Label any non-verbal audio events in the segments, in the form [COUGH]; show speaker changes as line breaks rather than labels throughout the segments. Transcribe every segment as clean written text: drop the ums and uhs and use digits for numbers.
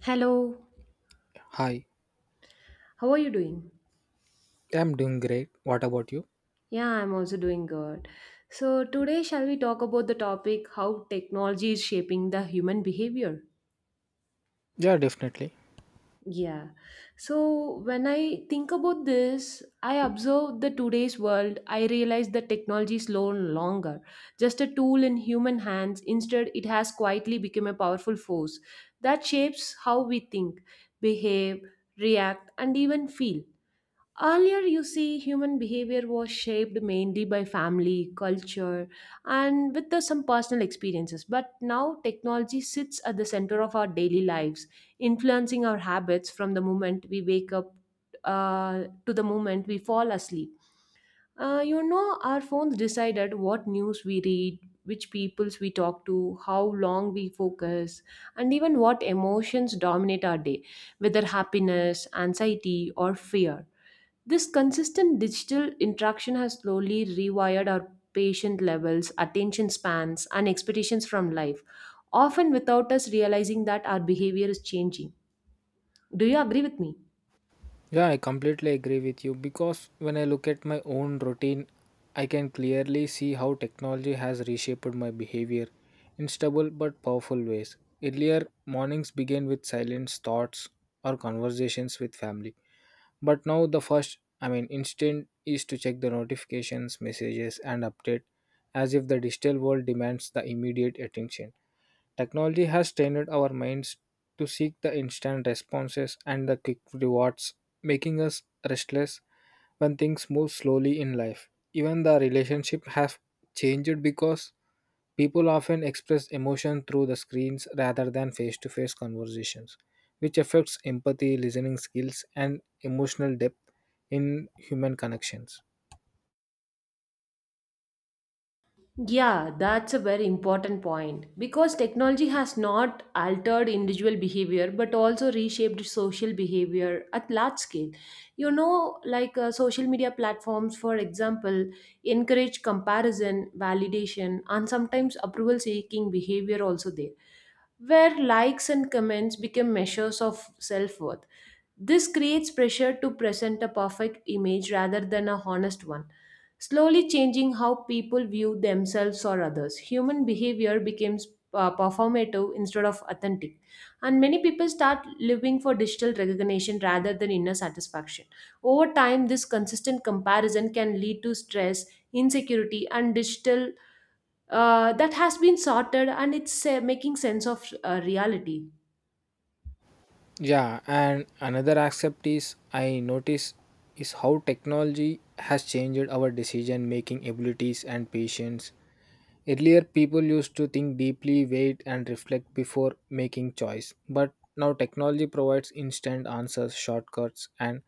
Hello,
Hi,
how are you doing?
I'm doing great. What about you?
Yeah, I'm also doing good. So, today, shall we talk about the topic how technology is shaping the human behavior?
Yeah, definitely.
Yeah. So, when I think about this, I observe the today's world, I realize that technology is no longer just a tool in human hands. Instead, it has quietly become a powerful force that shapes how we think, behave, react, and even feel. Earlier, you see, human behavior was shaped mainly by family, culture, and with the, some personal experiences. But now, technology sits at the center of our daily lives, influencing our habits from the moment we wake up to the moment we fall asleep. Our phones decided what news we read, which peoples we talk to, how long we focus, and even what emotions dominate our day, whether happiness, anxiety, or fear. This consistent digital interaction has slowly rewired our patient levels, attention spans, and expectations from life, often without us realizing that our behavior is changing. Do you agree with me?
Yeah, I completely agree with you because when I look at my own routine, I can clearly see how technology has reshaped my behavior in stubble but powerful ways. Earlier, mornings began with silent thoughts or conversations with family. But now the first, I mean, instinct is to check the notifications, messages, and update as if the digital world demands the immediate attention. Technology has trained our minds to seek the instant responses and the quick rewards, making us restless when things move slowly in life. Even the relationship have changed because people often express emotion through the screens rather than face to face conversations, which affects empathy, listening skills, and emotional depth in human connections.
Yeah, that's a very important point because technology has not altered individual behavior but also reshaped social behavior at large scale. You know, like social media platforms, for example, encourage comparison, validation, and sometimes approval seeking behavior also there where likes and comments become measures of self worth. This creates pressure to present a perfect image rather than a honest one, slowly changing how people view themselves or others. Human behavior becomes performative instead of authentic, and many people start living for digital recognition rather than inner satisfaction. Over time, this consistent comparison can lead to stress, insecurity, and digital that has been sorted and it's making sense of reality.
Yeah, and another aspect is I notice is how technology has changed our decision making abilities and patience. Earlier, people used to think deeply, wait, and reflect before making choice. But now, technology provides instant answers, shortcuts, and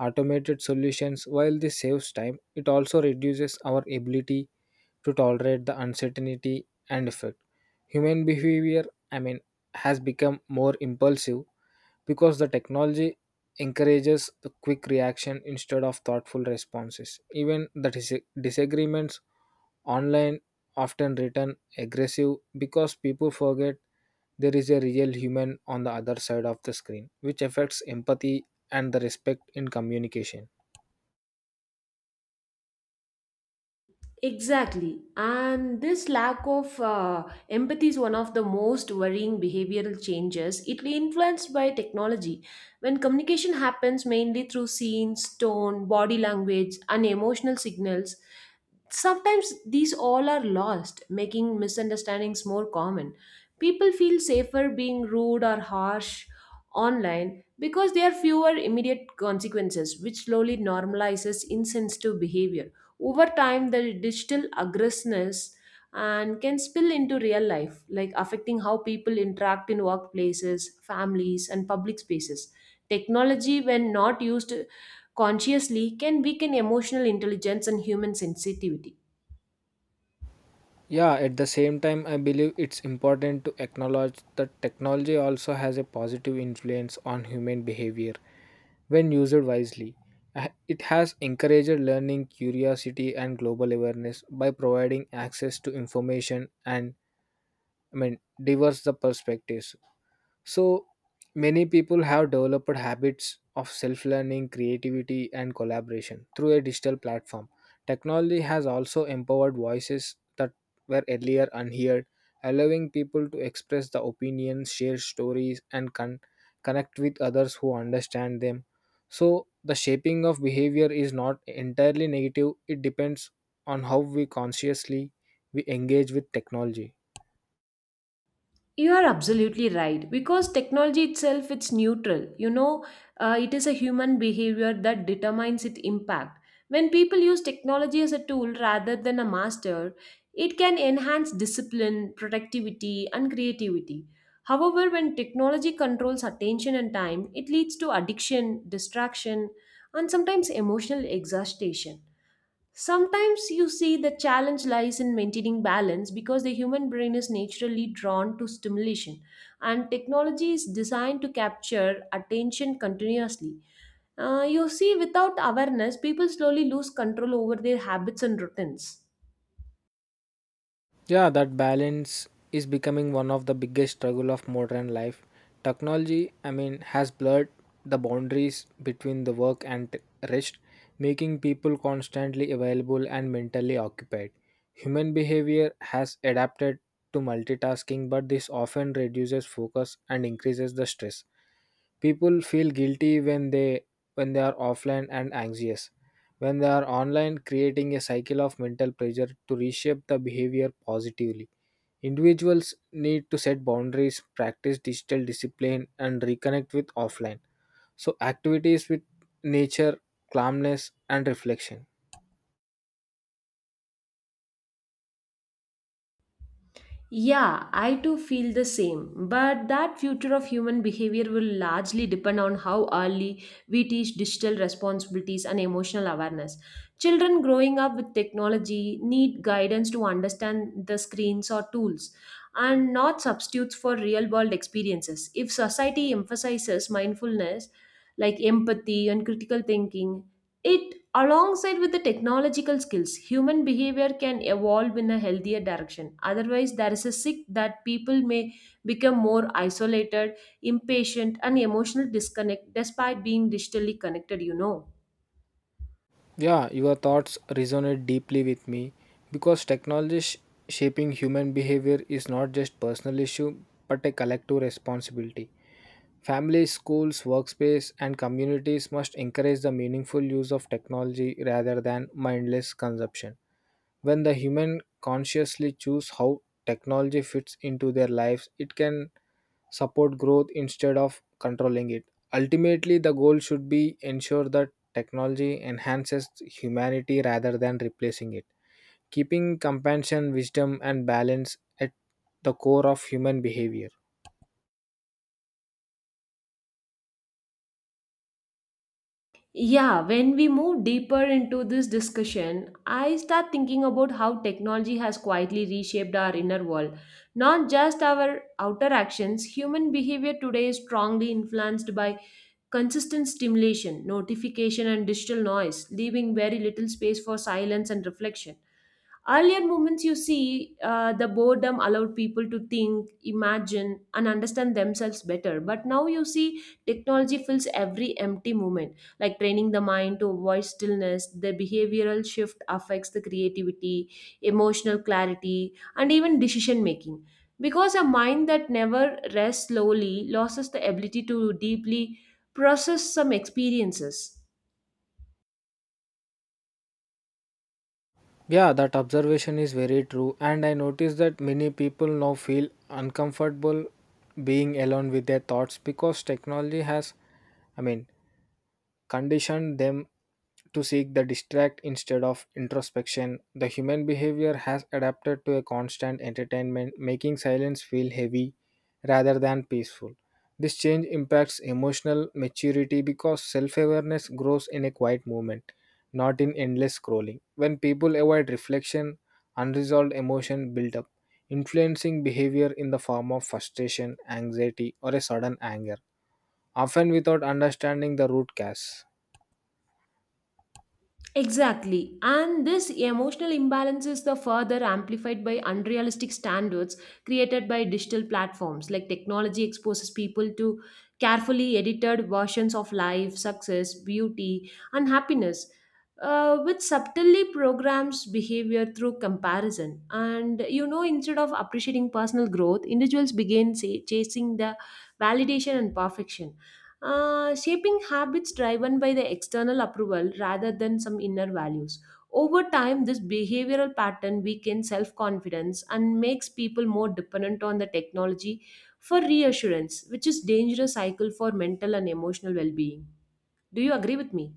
automated solutions. While this saves time, it also reduces our ability to tolerate the uncertainty and effect. Human behavior, I mean, has become more impulsive because the technology encourages the quick reaction instead of thoughtful responses. Even the disagreements online often written aggressive because people forget there is a real human on the other side of the screen, which affects empathy and the respect in communication.
Exactly. And this lack of empathy is one of the most worrying behavioral changes. It influenced by technology. When communication happens mainly through scenes, tone, body language, and emotional signals, sometimes these all are lost, making misunderstandings more common. People feel safer being rude or harsh online because there are fewer immediate consequences, which slowly normalizes insensitive behavior. Over time, the digital aggressiveness and can spill into real life, like affecting how people interact in workplaces, families, and public spaces. Technology, when not used consciously, can weaken emotional intelligence and human sensitivity.
Yeah, at the same time, I believe it's important to acknowledge that technology also has a positive influence on human behavior when used wisely. It has encouraged learning, curiosity, and global awareness by providing access to information and, I mean, diverse the perspectives. So many people have developed habits of self learning, creativity, and collaboration through a digital platform. Technology has also empowered voices that were earlier unheard, allowing people to express their opinions, share stories, and connect with others who understand them. So, the shaping of behavior is not entirely negative, it depends on how we consciously we engage with technology.
You are absolutely right because technology itself it's neutral. You know, it is a human behavior that determines its impact. When people use technology as a tool rather than a master, it can enhance discipline, productivity, and creativity. However, when technology controls attention and time, it leads to addiction, distraction, and sometimes emotional exhaustion. Sometimes you see the challenge lies in maintaining balance because the human brain is naturally drawn to stimulation and technology is designed to capture attention continuously. You see, without awareness, people slowly lose control over their habits and routines.
Yeah, that balance is becoming one of the biggest struggle of modern life. Technology, I mean, has blurred the boundaries between the work and rest, making people constantly available and mentally occupied. Human behavior has adapted to multitasking, but this often reduces focus and increases the stress. People feel guilty when they are offline and anxious when they are online, creating a cycle of mental pressure to reshape the behavior positively. Individuals need to set boundaries, practice digital discipline, and reconnect with offline. So, activities with nature, calmness, and reflection.
Yeah, I too feel the same. But that future of human behavior will largely depend on how early we teach digital responsibilities and emotional awareness. Children growing up with technology need guidance to understand the screens or tools and not substitutes for real world experiences. If society emphasizes mindfulness, like empathy and critical thinking, it, alongside with the technological skills, human behavior can evolve in a healthier direction. Otherwise, there is a risk that people may become more isolated, impatient, and emotional disconnect despite being digitally connected,
Yeah, your thoughts resonate deeply with me because technology shaping human behavior is not just personal issue but a collective responsibility. Families, schools, workspace and communities must encourage the meaningful use of technology rather than mindless consumption. When the human consciously choose how technology fits into their lives, it can support growth instead of controlling it. Ultimately, the goal should be ensure that technology enhances humanity rather than replacing it, keeping compassion, wisdom, and balance at the core of human behavior.
Yeah, when we move deeper into this discussion, I start thinking about how technology has quietly reshaped our inner world. Not just our outer actions, human behavior today is strongly influenced by consistent stimulation, notification, and digital noise, leaving very little space for silence and reflection. Earlier moments, you see, the boredom allowed people to think, imagine, and understand themselves better. But now you see, technology fills every empty moment, like training the mind to avoid stillness. The behavioral shift affects the creativity, emotional clarity, and even decision making. Because a mind that never rests slowly loses the ability to deeply process some experiences.
Yeah, that observation is very true, and I notice that many people now feel uncomfortable being alone with their thoughts because technology has, I mean, conditioned them to seek the distract instead of introspection. The human behavior has adapted to a constant entertainment, making silence feel heavy rather than peaceful. This change impacts emotional maturity because self awareness grows in a quiet moment, not in endless scrolling. When people avoid reflection, unresolved emotion build up, influencing behavior in the form of frustration, anxiety, or a sudden anger, often without understanding the root cause.
Exactly. And this emotional imbalance is the further amplified by unrealistic standards created by digital platforms. Like technology exposes people to carefully edited versions of life, success, beauty, and happiness, which subtly programs behavior through comparison. And you know, instead of appreciating personal growth, individuals begin say, chasing the validation and perfection shaping habits driven by the external approval rather than some inner values. Over time, this behavioral pattern weakens self confidence and makes people more dependent on the technology for reassurance, which is dangerous cycle for mental and emotional well being. Do you agree with me?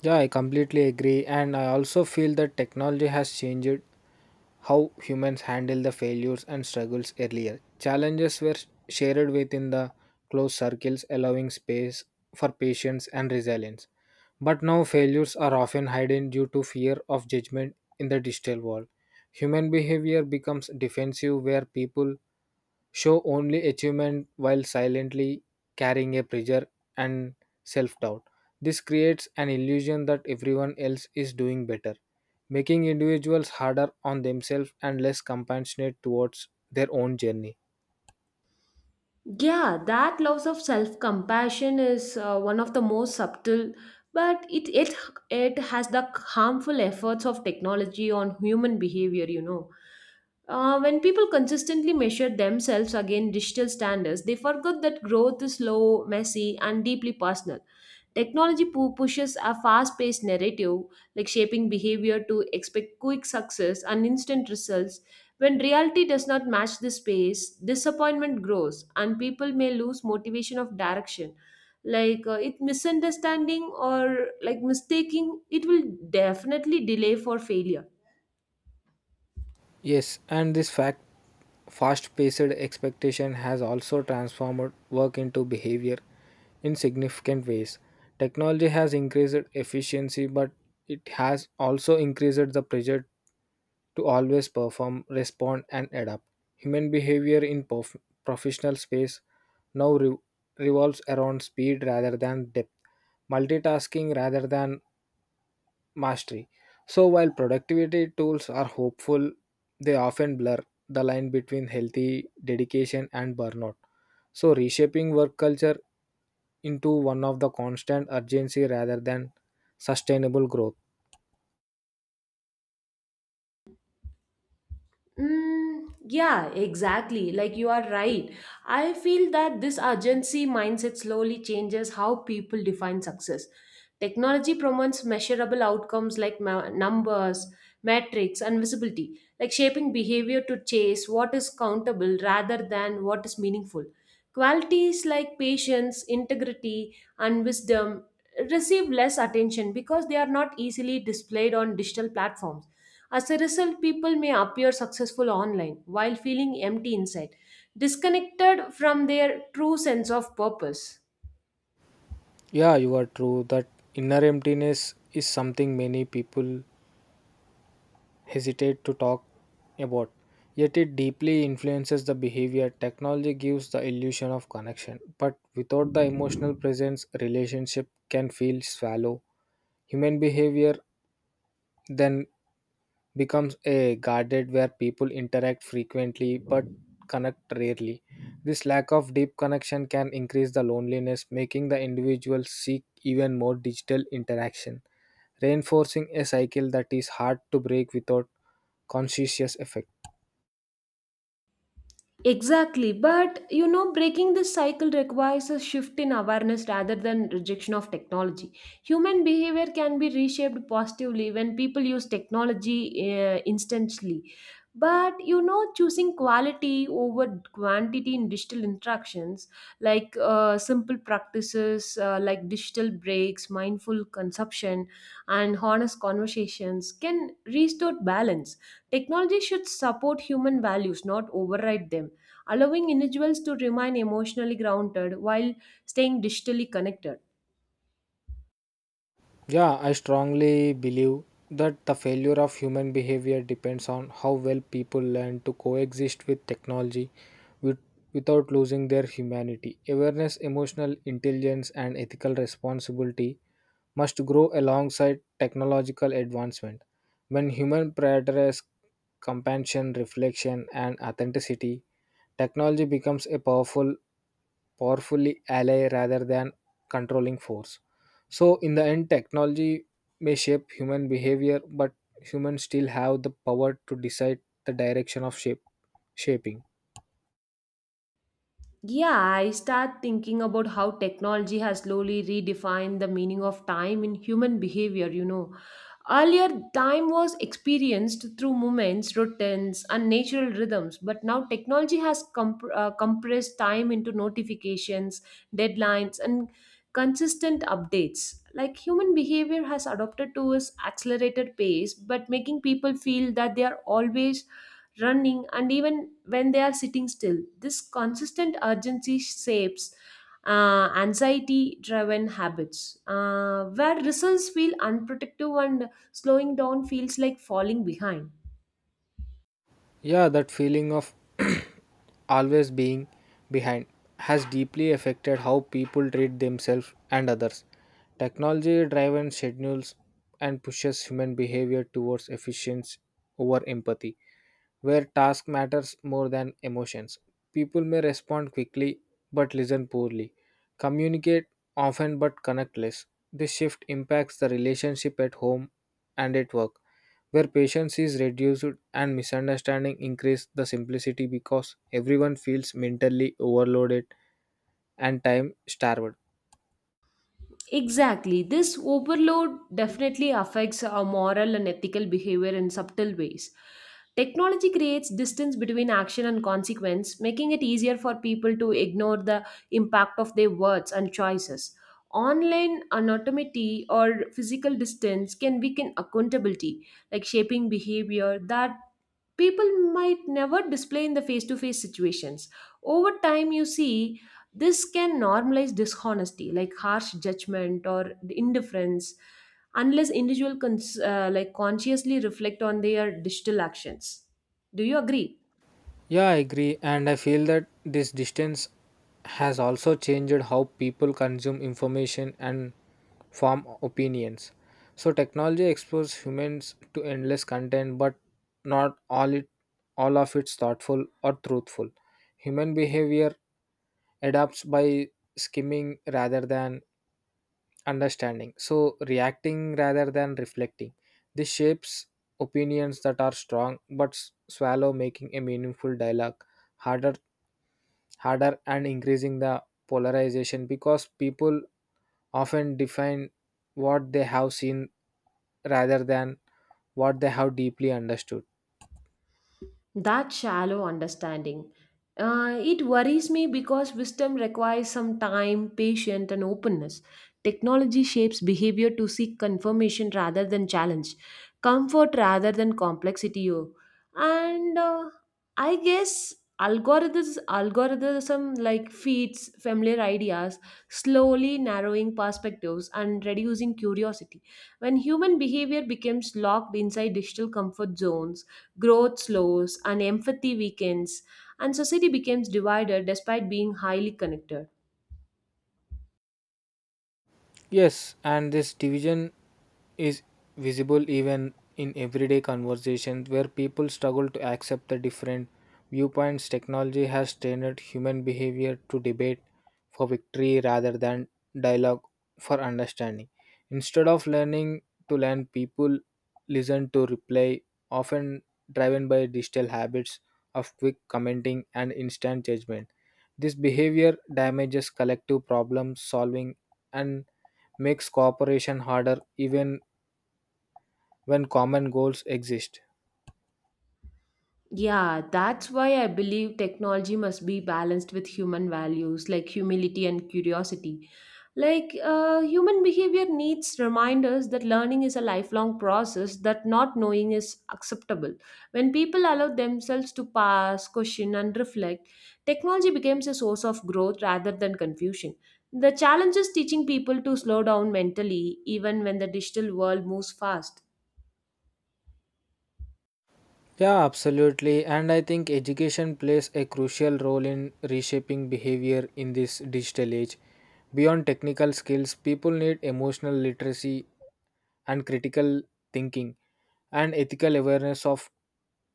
Yeah, I completely agree. And I also feel that technology has changed how humans handle the failures and struggles earlier. Challenges were shared within the closed circles, allowing space for patience and resilience. But now failures are often hidden due to fear of judgment in the digital world. Human behavior becomes defensive where people show only achievement while silently carrying a pressure and self doubt. This creates an illusion that everyone else is doing better, making individuals harder on themselves and less compassionate towards their own journey.
Yeah, that loss of self compassion is one of the most subtle, but it has the harmful efforts of technology on human behavior. You know. When people consistently measure themselves against digital standards, they forget that growth is slow, messy, and deeply personal. Technology pushes a fast paced narrative, like shaping behavior to expect quick success and instant results. When reality does not match this pace, disappointment grows, and people may lose motivation of direction. Like it misunderstanding or like mistaking, it will definitely delay for failure.
Yes, and this fact fast paced expectation has also transformed work into behavior in significant ways. Technology has increased efficiency, but it has also increased the pressure to always perform, respond, and adapt. Human behavior in professional space now revolves around speed rather than depth, multitasking rather than mastery. So, while productivity tools are hopeful, they often blur the line between healthy dedication and burnout. So, reshaping work culture into one of the constant urgency rather than sustainable growth.
Mm, yeah, exactly. Like you are right. I feel that this urgency mindset slowly changes how people define success. Technology promotes measurable outcomes like numbers, metrics, and visibility, like shaping behavior to chase what is countable rather than what is meaningful. Qualities like patience, integrity, and wisdom receive less attention because they are not easily displayed on digital platforms. As a result, people may appear successful online while feeling empty inside, disconnected from their true sense of purpose.
Yeah, you are true. That inner emptiness is something many people hesitate to talk about, yet it deeply influences the behavior. Technology gives the illusion of connection, but without the emotional presence, relationship can feel shallow. Human behavior then becomes a guarded where people interact frequently but connect rarely. This lack of deep connection can increase the loneliness, making the individual seek even more digital interaction reinforcing a cycle that is hard to break without conscious effect.
Exactly, but you know, breaking this cycle requires a shift in awareness rather than rejection of technology. Human behavior can be reshaped positively when people use technology instantly. But you know, choosing quality over quantity in digital interactions, like simple practices like digital breaks, mindful consumption, and honest conversations, can restore balance. Technology should support human values, not override them, allowing individuals to remain emotionally grounded while staying digitally connected.
Yeah, I strongly believe that the failure of human behavior depends on how well people learn to coexist with technology with, without losing their humanity. Awareness, emotional intelligence, and ethical responsibility must grow alongside technological advancement. When human prioritize compassion, reflection, and authenticity, technology becomes a powerfully ally rather than controlling force. So in the end, technology may shape human behavior, but humans still have the power to decide the direction of shape shaping.
Yeah, I start thinking about how technology has slowly redefined the meaning of time in human behavior, Earlier, time was experienced through movements, routines, and natural rhythms, but now technology has compressed time into notifications, deadlines, and consistent updates. Like human behavior has adopted to its accelerated pace, but making people feel that they are always running, and even when they are sitting still. This consistent urgency shapes anxiety driven habits, where results feel unprotective and slowing down feels like falling behind.
Yeah, that feeling of [CLEARS THROAT] always being behind has deeply affected how people treat themselves and others. Technology driven schedules and pushes human behavior towards efficiency over empathy, where task matters more than emotions. People may respond quickly but listen poorly, communicate often but connect less. This shift impacts the relationship at home and at work, where patience is reduced and misunderstanding increase the simplicity because everyone feels mentally overloaded and time starved.
Exactly. This overload definitely affects our moral and ethical behavior in subtle ways. Technology creates distance between action and consequence, making it easier for people to ignore the impact of their words and choices. Online anonymity or physical distance can weaken accountability, like shaping behavior that people might never display in the face to face situations. Over time, you see this can normalize dishonesty, like harsh judgment or indifference, unless individual like consciously reflect on their digital actions. Do you agree?
Yeah, I agree. And I feel that this distance has also changed how people consume information and form opinions. So technology exposes humans to endless content, but not all it all of it's thoughtful or truthful. Human behavior adapts by skimming rather than understanding. So reacting rather than reflecting. This shapes opinions that are strong but swallow, making a meaningful dialogue harder harder and increasing the polarization because people often define what they have seen rather than what they have deeply understood.
That shallow understanding. It worries me because wisdom requires some time, patience, and openness. Technology shapes behavior to seek confirmation rather than challenge, comfort rather than complexity. Oh. And I guess algorithm like feeds familiar ideas, slowly narrowing perspectives and reducing curiosity. When human behavior becomes locked inside digital comfort zones, growth slows, and empathy weakens, and society becomes divided despite being highly connected.
Yes, and this division is visible even in everyday conversations where people struggle to accept the different viewpoints. Technology has trained human behavior to debate for victory rather than dialogue for understanding. Instead of learning to learn, people listen to reply, often driven by digital habits of quick commenting and instant judgment. This behavior damages collective problem solving and makes cooperation harder even when common goals exist.
Yeah, that's why I believe technology must be balanced with human values like humility and curiosity. Like, human behavior needs reminders that learning is a lifelong process, that not knowing is acceptable. When people allow themselves to pass, question, and reflect, technology becomes a source of growth rather than confusion. The challenge is teaching people to slow down mentally, even when the digital world moves fast.
Yeah, absolutely. And I think education plays a crucial role in reshaping behavior in this digital age. Beyond technical skills, people need emotional literacy and critical thinking and ethical awareness of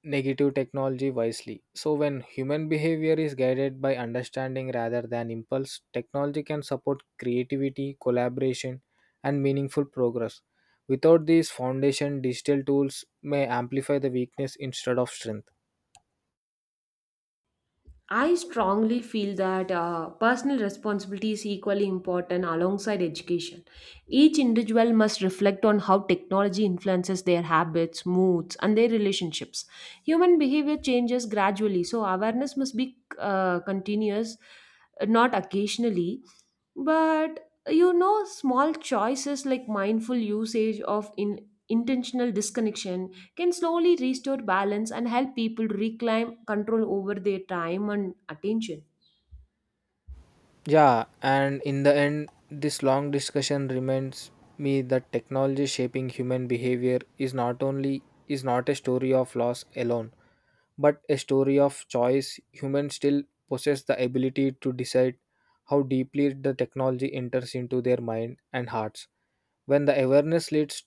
negative technology wisely. So, when human behavior is guided by understanding rather than impulse, technology can support creativity, collaboration, and meaningful progress. Without these foundation, digital tools may amplify the weakness instead of strength.
I strongly feel that personal responsibility is equally important alongside education. Each individual must reflect on how technology influences their habits, moods, and their relationships. Human behavior changes gradually, so awareness must be continuous, not occasionally. But you know, small choices like mindful usage of in intentional disconnection can slowly restore balance and help people reclaim control over their time and attention.
Yeah, and in the end, this long discussion reminds me that technology shaping human behavior is not only is not a story of loss alone but a story of choice. Humans still possess the ability to decide how deeply the technology enters into their mind and hearts. When the awareness leads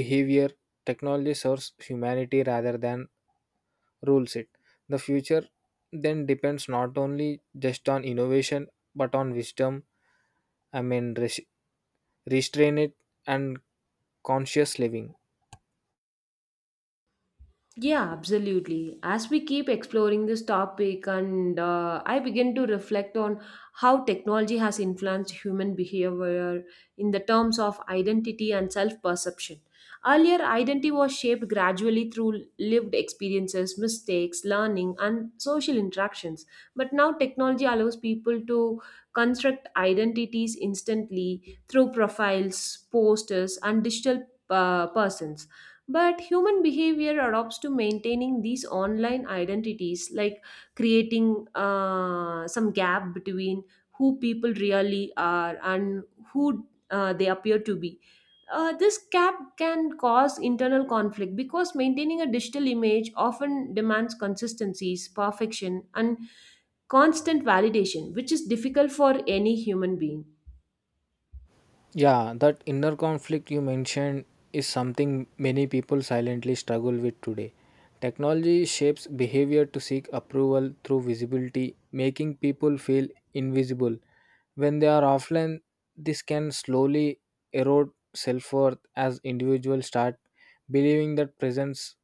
behavior, technology serves humanity rather than rules it. The future then depends not only just on innovation but on wisdom, I mean, restraint and conscious living.
Yeah, absolutely. As we keep exploring this topic, and I begin to reflect on how technology has influenced human behavior in the terms of identity and self perception. Earlier, identity was shaped gradually through lived experiences, mistakes, learning, and social interactions. But now, technology allows people to construct identities instantly through profiles, posters, and digital persons, but human behavior adopts to maintaining these online identities, like creating some gap between who people really are and who they appear to be. This gap can cause internal conflict because maintaining a digital image often demands consistencies, perfection, and constant validation, which is difficult for any human being.
Yeah, that inner conflict you mentioned is something many people silently struggle with today. Technology shapes behavior to seek approval through visibility, making people feel invisible. When they are offline, this can slowly erode self worth as individuals start believing that presence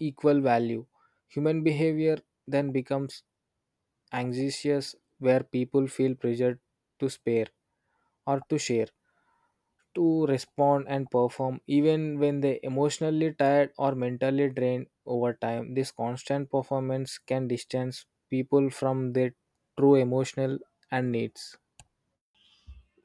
equal value. Human behavior then becomes anxious where people feel pressured to spare or to share, to respond and perform even when they emotionally tired or mentally drained over time. This constant performance can distance people from their true emotional and needs.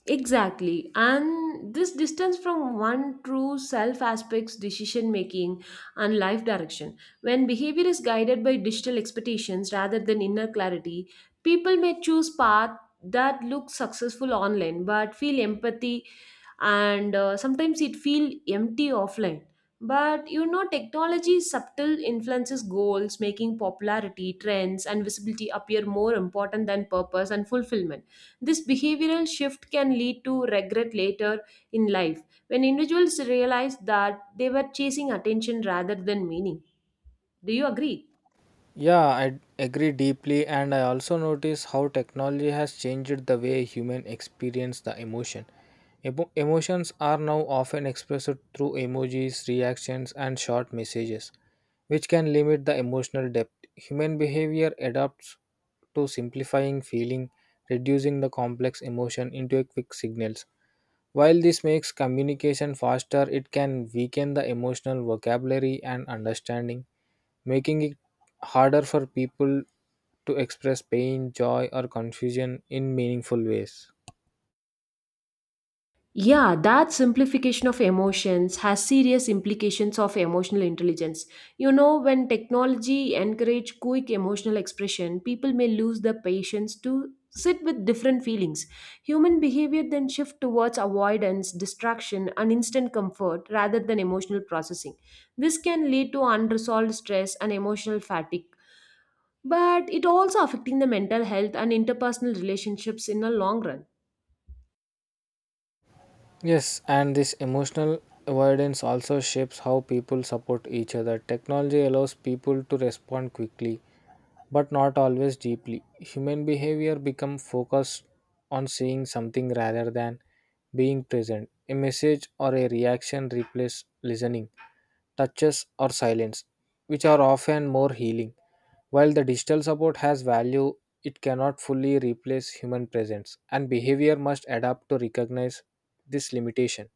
Exactly. And this distance from one true self aspects decision making and life direction. When behavior is guided by digital expectations rather than inner clarity, people may choose path that look successful online but feel empathy and sometimes it feel empty offline. But you know technology's subtle influences goals, making popularity, trends and visibility appear more important than purpose and fulfillment. This behavioral shift can lead to regret later in life when individuals realize that they were chasing attention rather than meaning. Do you agree?
Yeah, I agree deeply, and I also notice how technology has changed the way human experience the emotion. Emotions are now often expressed through emojis, reactions, and short messages, which can limit the emotional depth. Human behavior adapts to simplifying feeling, reducing the complex emotion into a quick signals. While this makes communication faster, it can weaken the emotional vocabulary and understanding, making it harder for people to express pain, joy, or confusion in meaningful ways.
Yeah, that simplification of emotions has serious implications of emotional intelligence. You know, when technology encourage quick emotional expression, people may lose the patience to sit with different feelings. Human behavior then shift towards avoidance, distraction, and instant comfort rather than emotional processing. This can lead to unresolved stress and emotional fatigue, but it also affecting the mental health and interpersonal relationships in the long run.
Yes, and this emotional avoidance also shapes how people support each other. Technology allows people to respond quickly, but not always deeply. Human behavior becomes focused on seeing something rather than being present. A message or a reaction replaces listening, touches, or silence, which are often more healing. While the digital support has value, it cannot fully replace human presence, and behavior must adapt to recognize this limitation.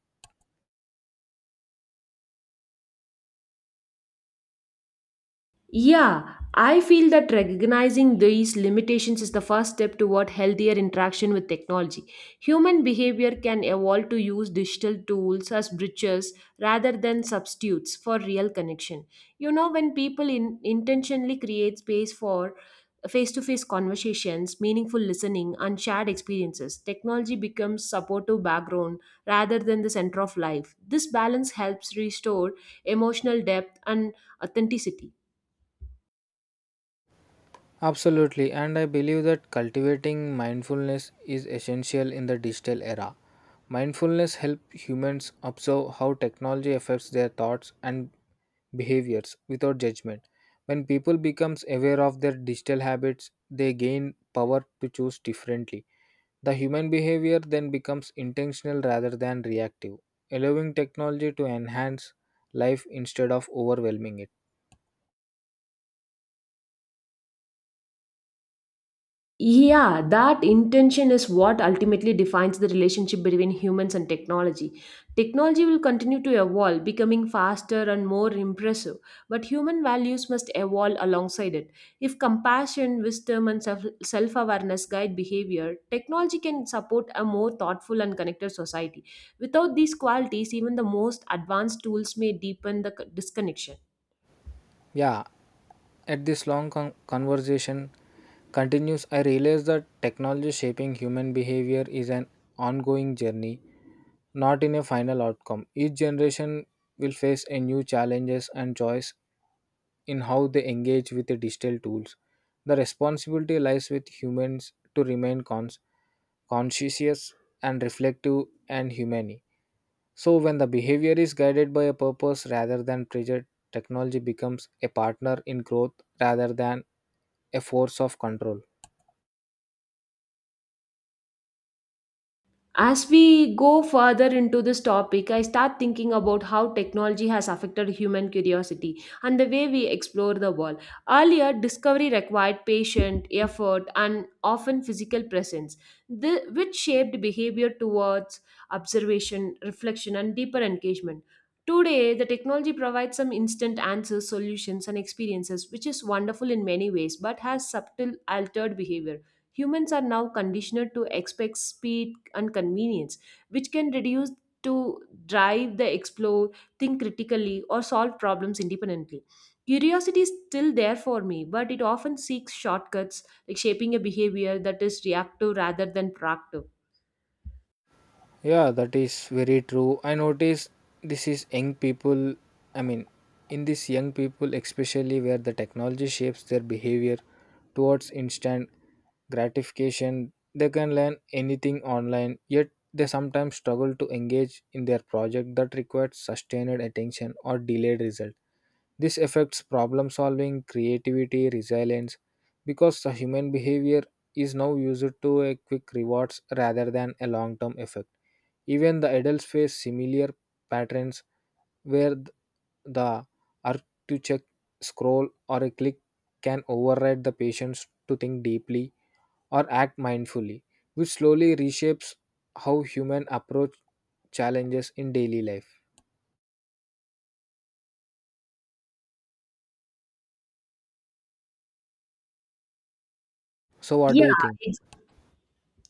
Yeah, I feel that recognizing these limitations is the first step toward healthier interaction with technology. Human behavior can evolve to use digital tools as bridges rather than substitutes for real connection. You know, when people in, intentionally create space for face to face conversations, meaningful listening, and shared experiences, technology becomes supportive background rather than the center of life. This balance helps restore emotional depth and authenticity.
Absolutely, and I believe that cultivating mindfulness is essential in the digital era. Mindfulness helps humans observe how technology affects their thoughts and behaviors without judgment. When people becomes aware of their digital habits, they gain power to choose differently. The human behavior then becomes intentional rather than reactive, allowing technology to enhance life instead of overwhelming it.
Yeah, that intention is what ultimately defines the relationship between humans and technology. Technology will continue to evolve, becoming faster and more impressive, but human values must evolve alongside it. If compassion, wisdom, and self awareness guide behavior, technology can support a more thoughtful and connected society. Without these qualities, even the most advanced tools may deepen the disconnection.
Yeah, at this long conversation continues, I realize that technology shaping human behavior is an ongoing journey, not in a final outcome. Each generation will face a new challenges and joys in how they engage with the digital tools. The responsibility lies with humans to remain conscientious and reflective and humane. So, when the behavior is guided by a purpose rather than pressure, technology becomes a partner in growth rather than a force of control.
As we go further into this topic, I start thinking about how technology has affected human curiosity and the way we explore the world. Earlier, discovery required patience, effort, and often physical presence, which shaped behavior towards observation, reflection, and deeper engagement. Today, the technology provides some instant answers, solutions, and experiences, which is wonderful in many ways but has subtle altered behavior. Humans are now conditioned to expect speed and convenience, which can reduce to drive the explore, think critically, or solve problems independently. Curiosity is still there for me, but it often seeks shortcuts, like shaping a behavior that is reactive rather than proactive.
Yeah, that is very true. I notice this is young people. I mean, in this young people, especially where the technology shapes their behavior towards instant gratification, they can learn anything online, yet they sometimes struggle to engage in their project that requires sustained attention or delayed result. This affects problem solving, creativity, resilience, because the human behavior is now used to a quick rewards rather than a long term effect. Even the adults face similar patterns where the urge to check, scroll, or a click can override the patience to think deeply or act mindfully, which slowly reshapes how human approach challenges in daily life. So, what do
Yeah,
you think?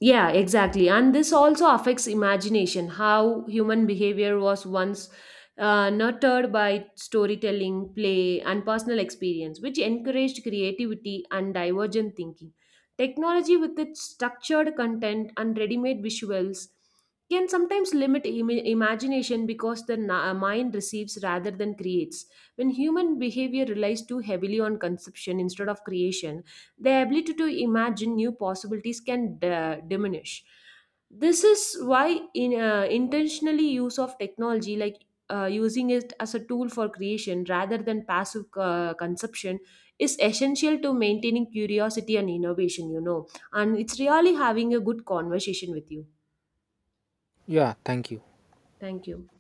Yeah, exactly. And this also affects imagination, how human behavior was once nurtured by storytelling, play, and personal experience, which encouraged creativity and divergent thinking. Technology, with its structured content and ready made visuals, can sometimes limit imagination because the mind receives rather than creates. When human behavior relies too heavily on conception instead of creation, their ability to imagine new possibilities can diminish. This is why in intentionally use of technology like using it as a tool for creation rather than passive consumption is essential to maintaining curiosity and innovation, you know. And it's really having a good conversation with you.
Yeah, thank you.
Thank you.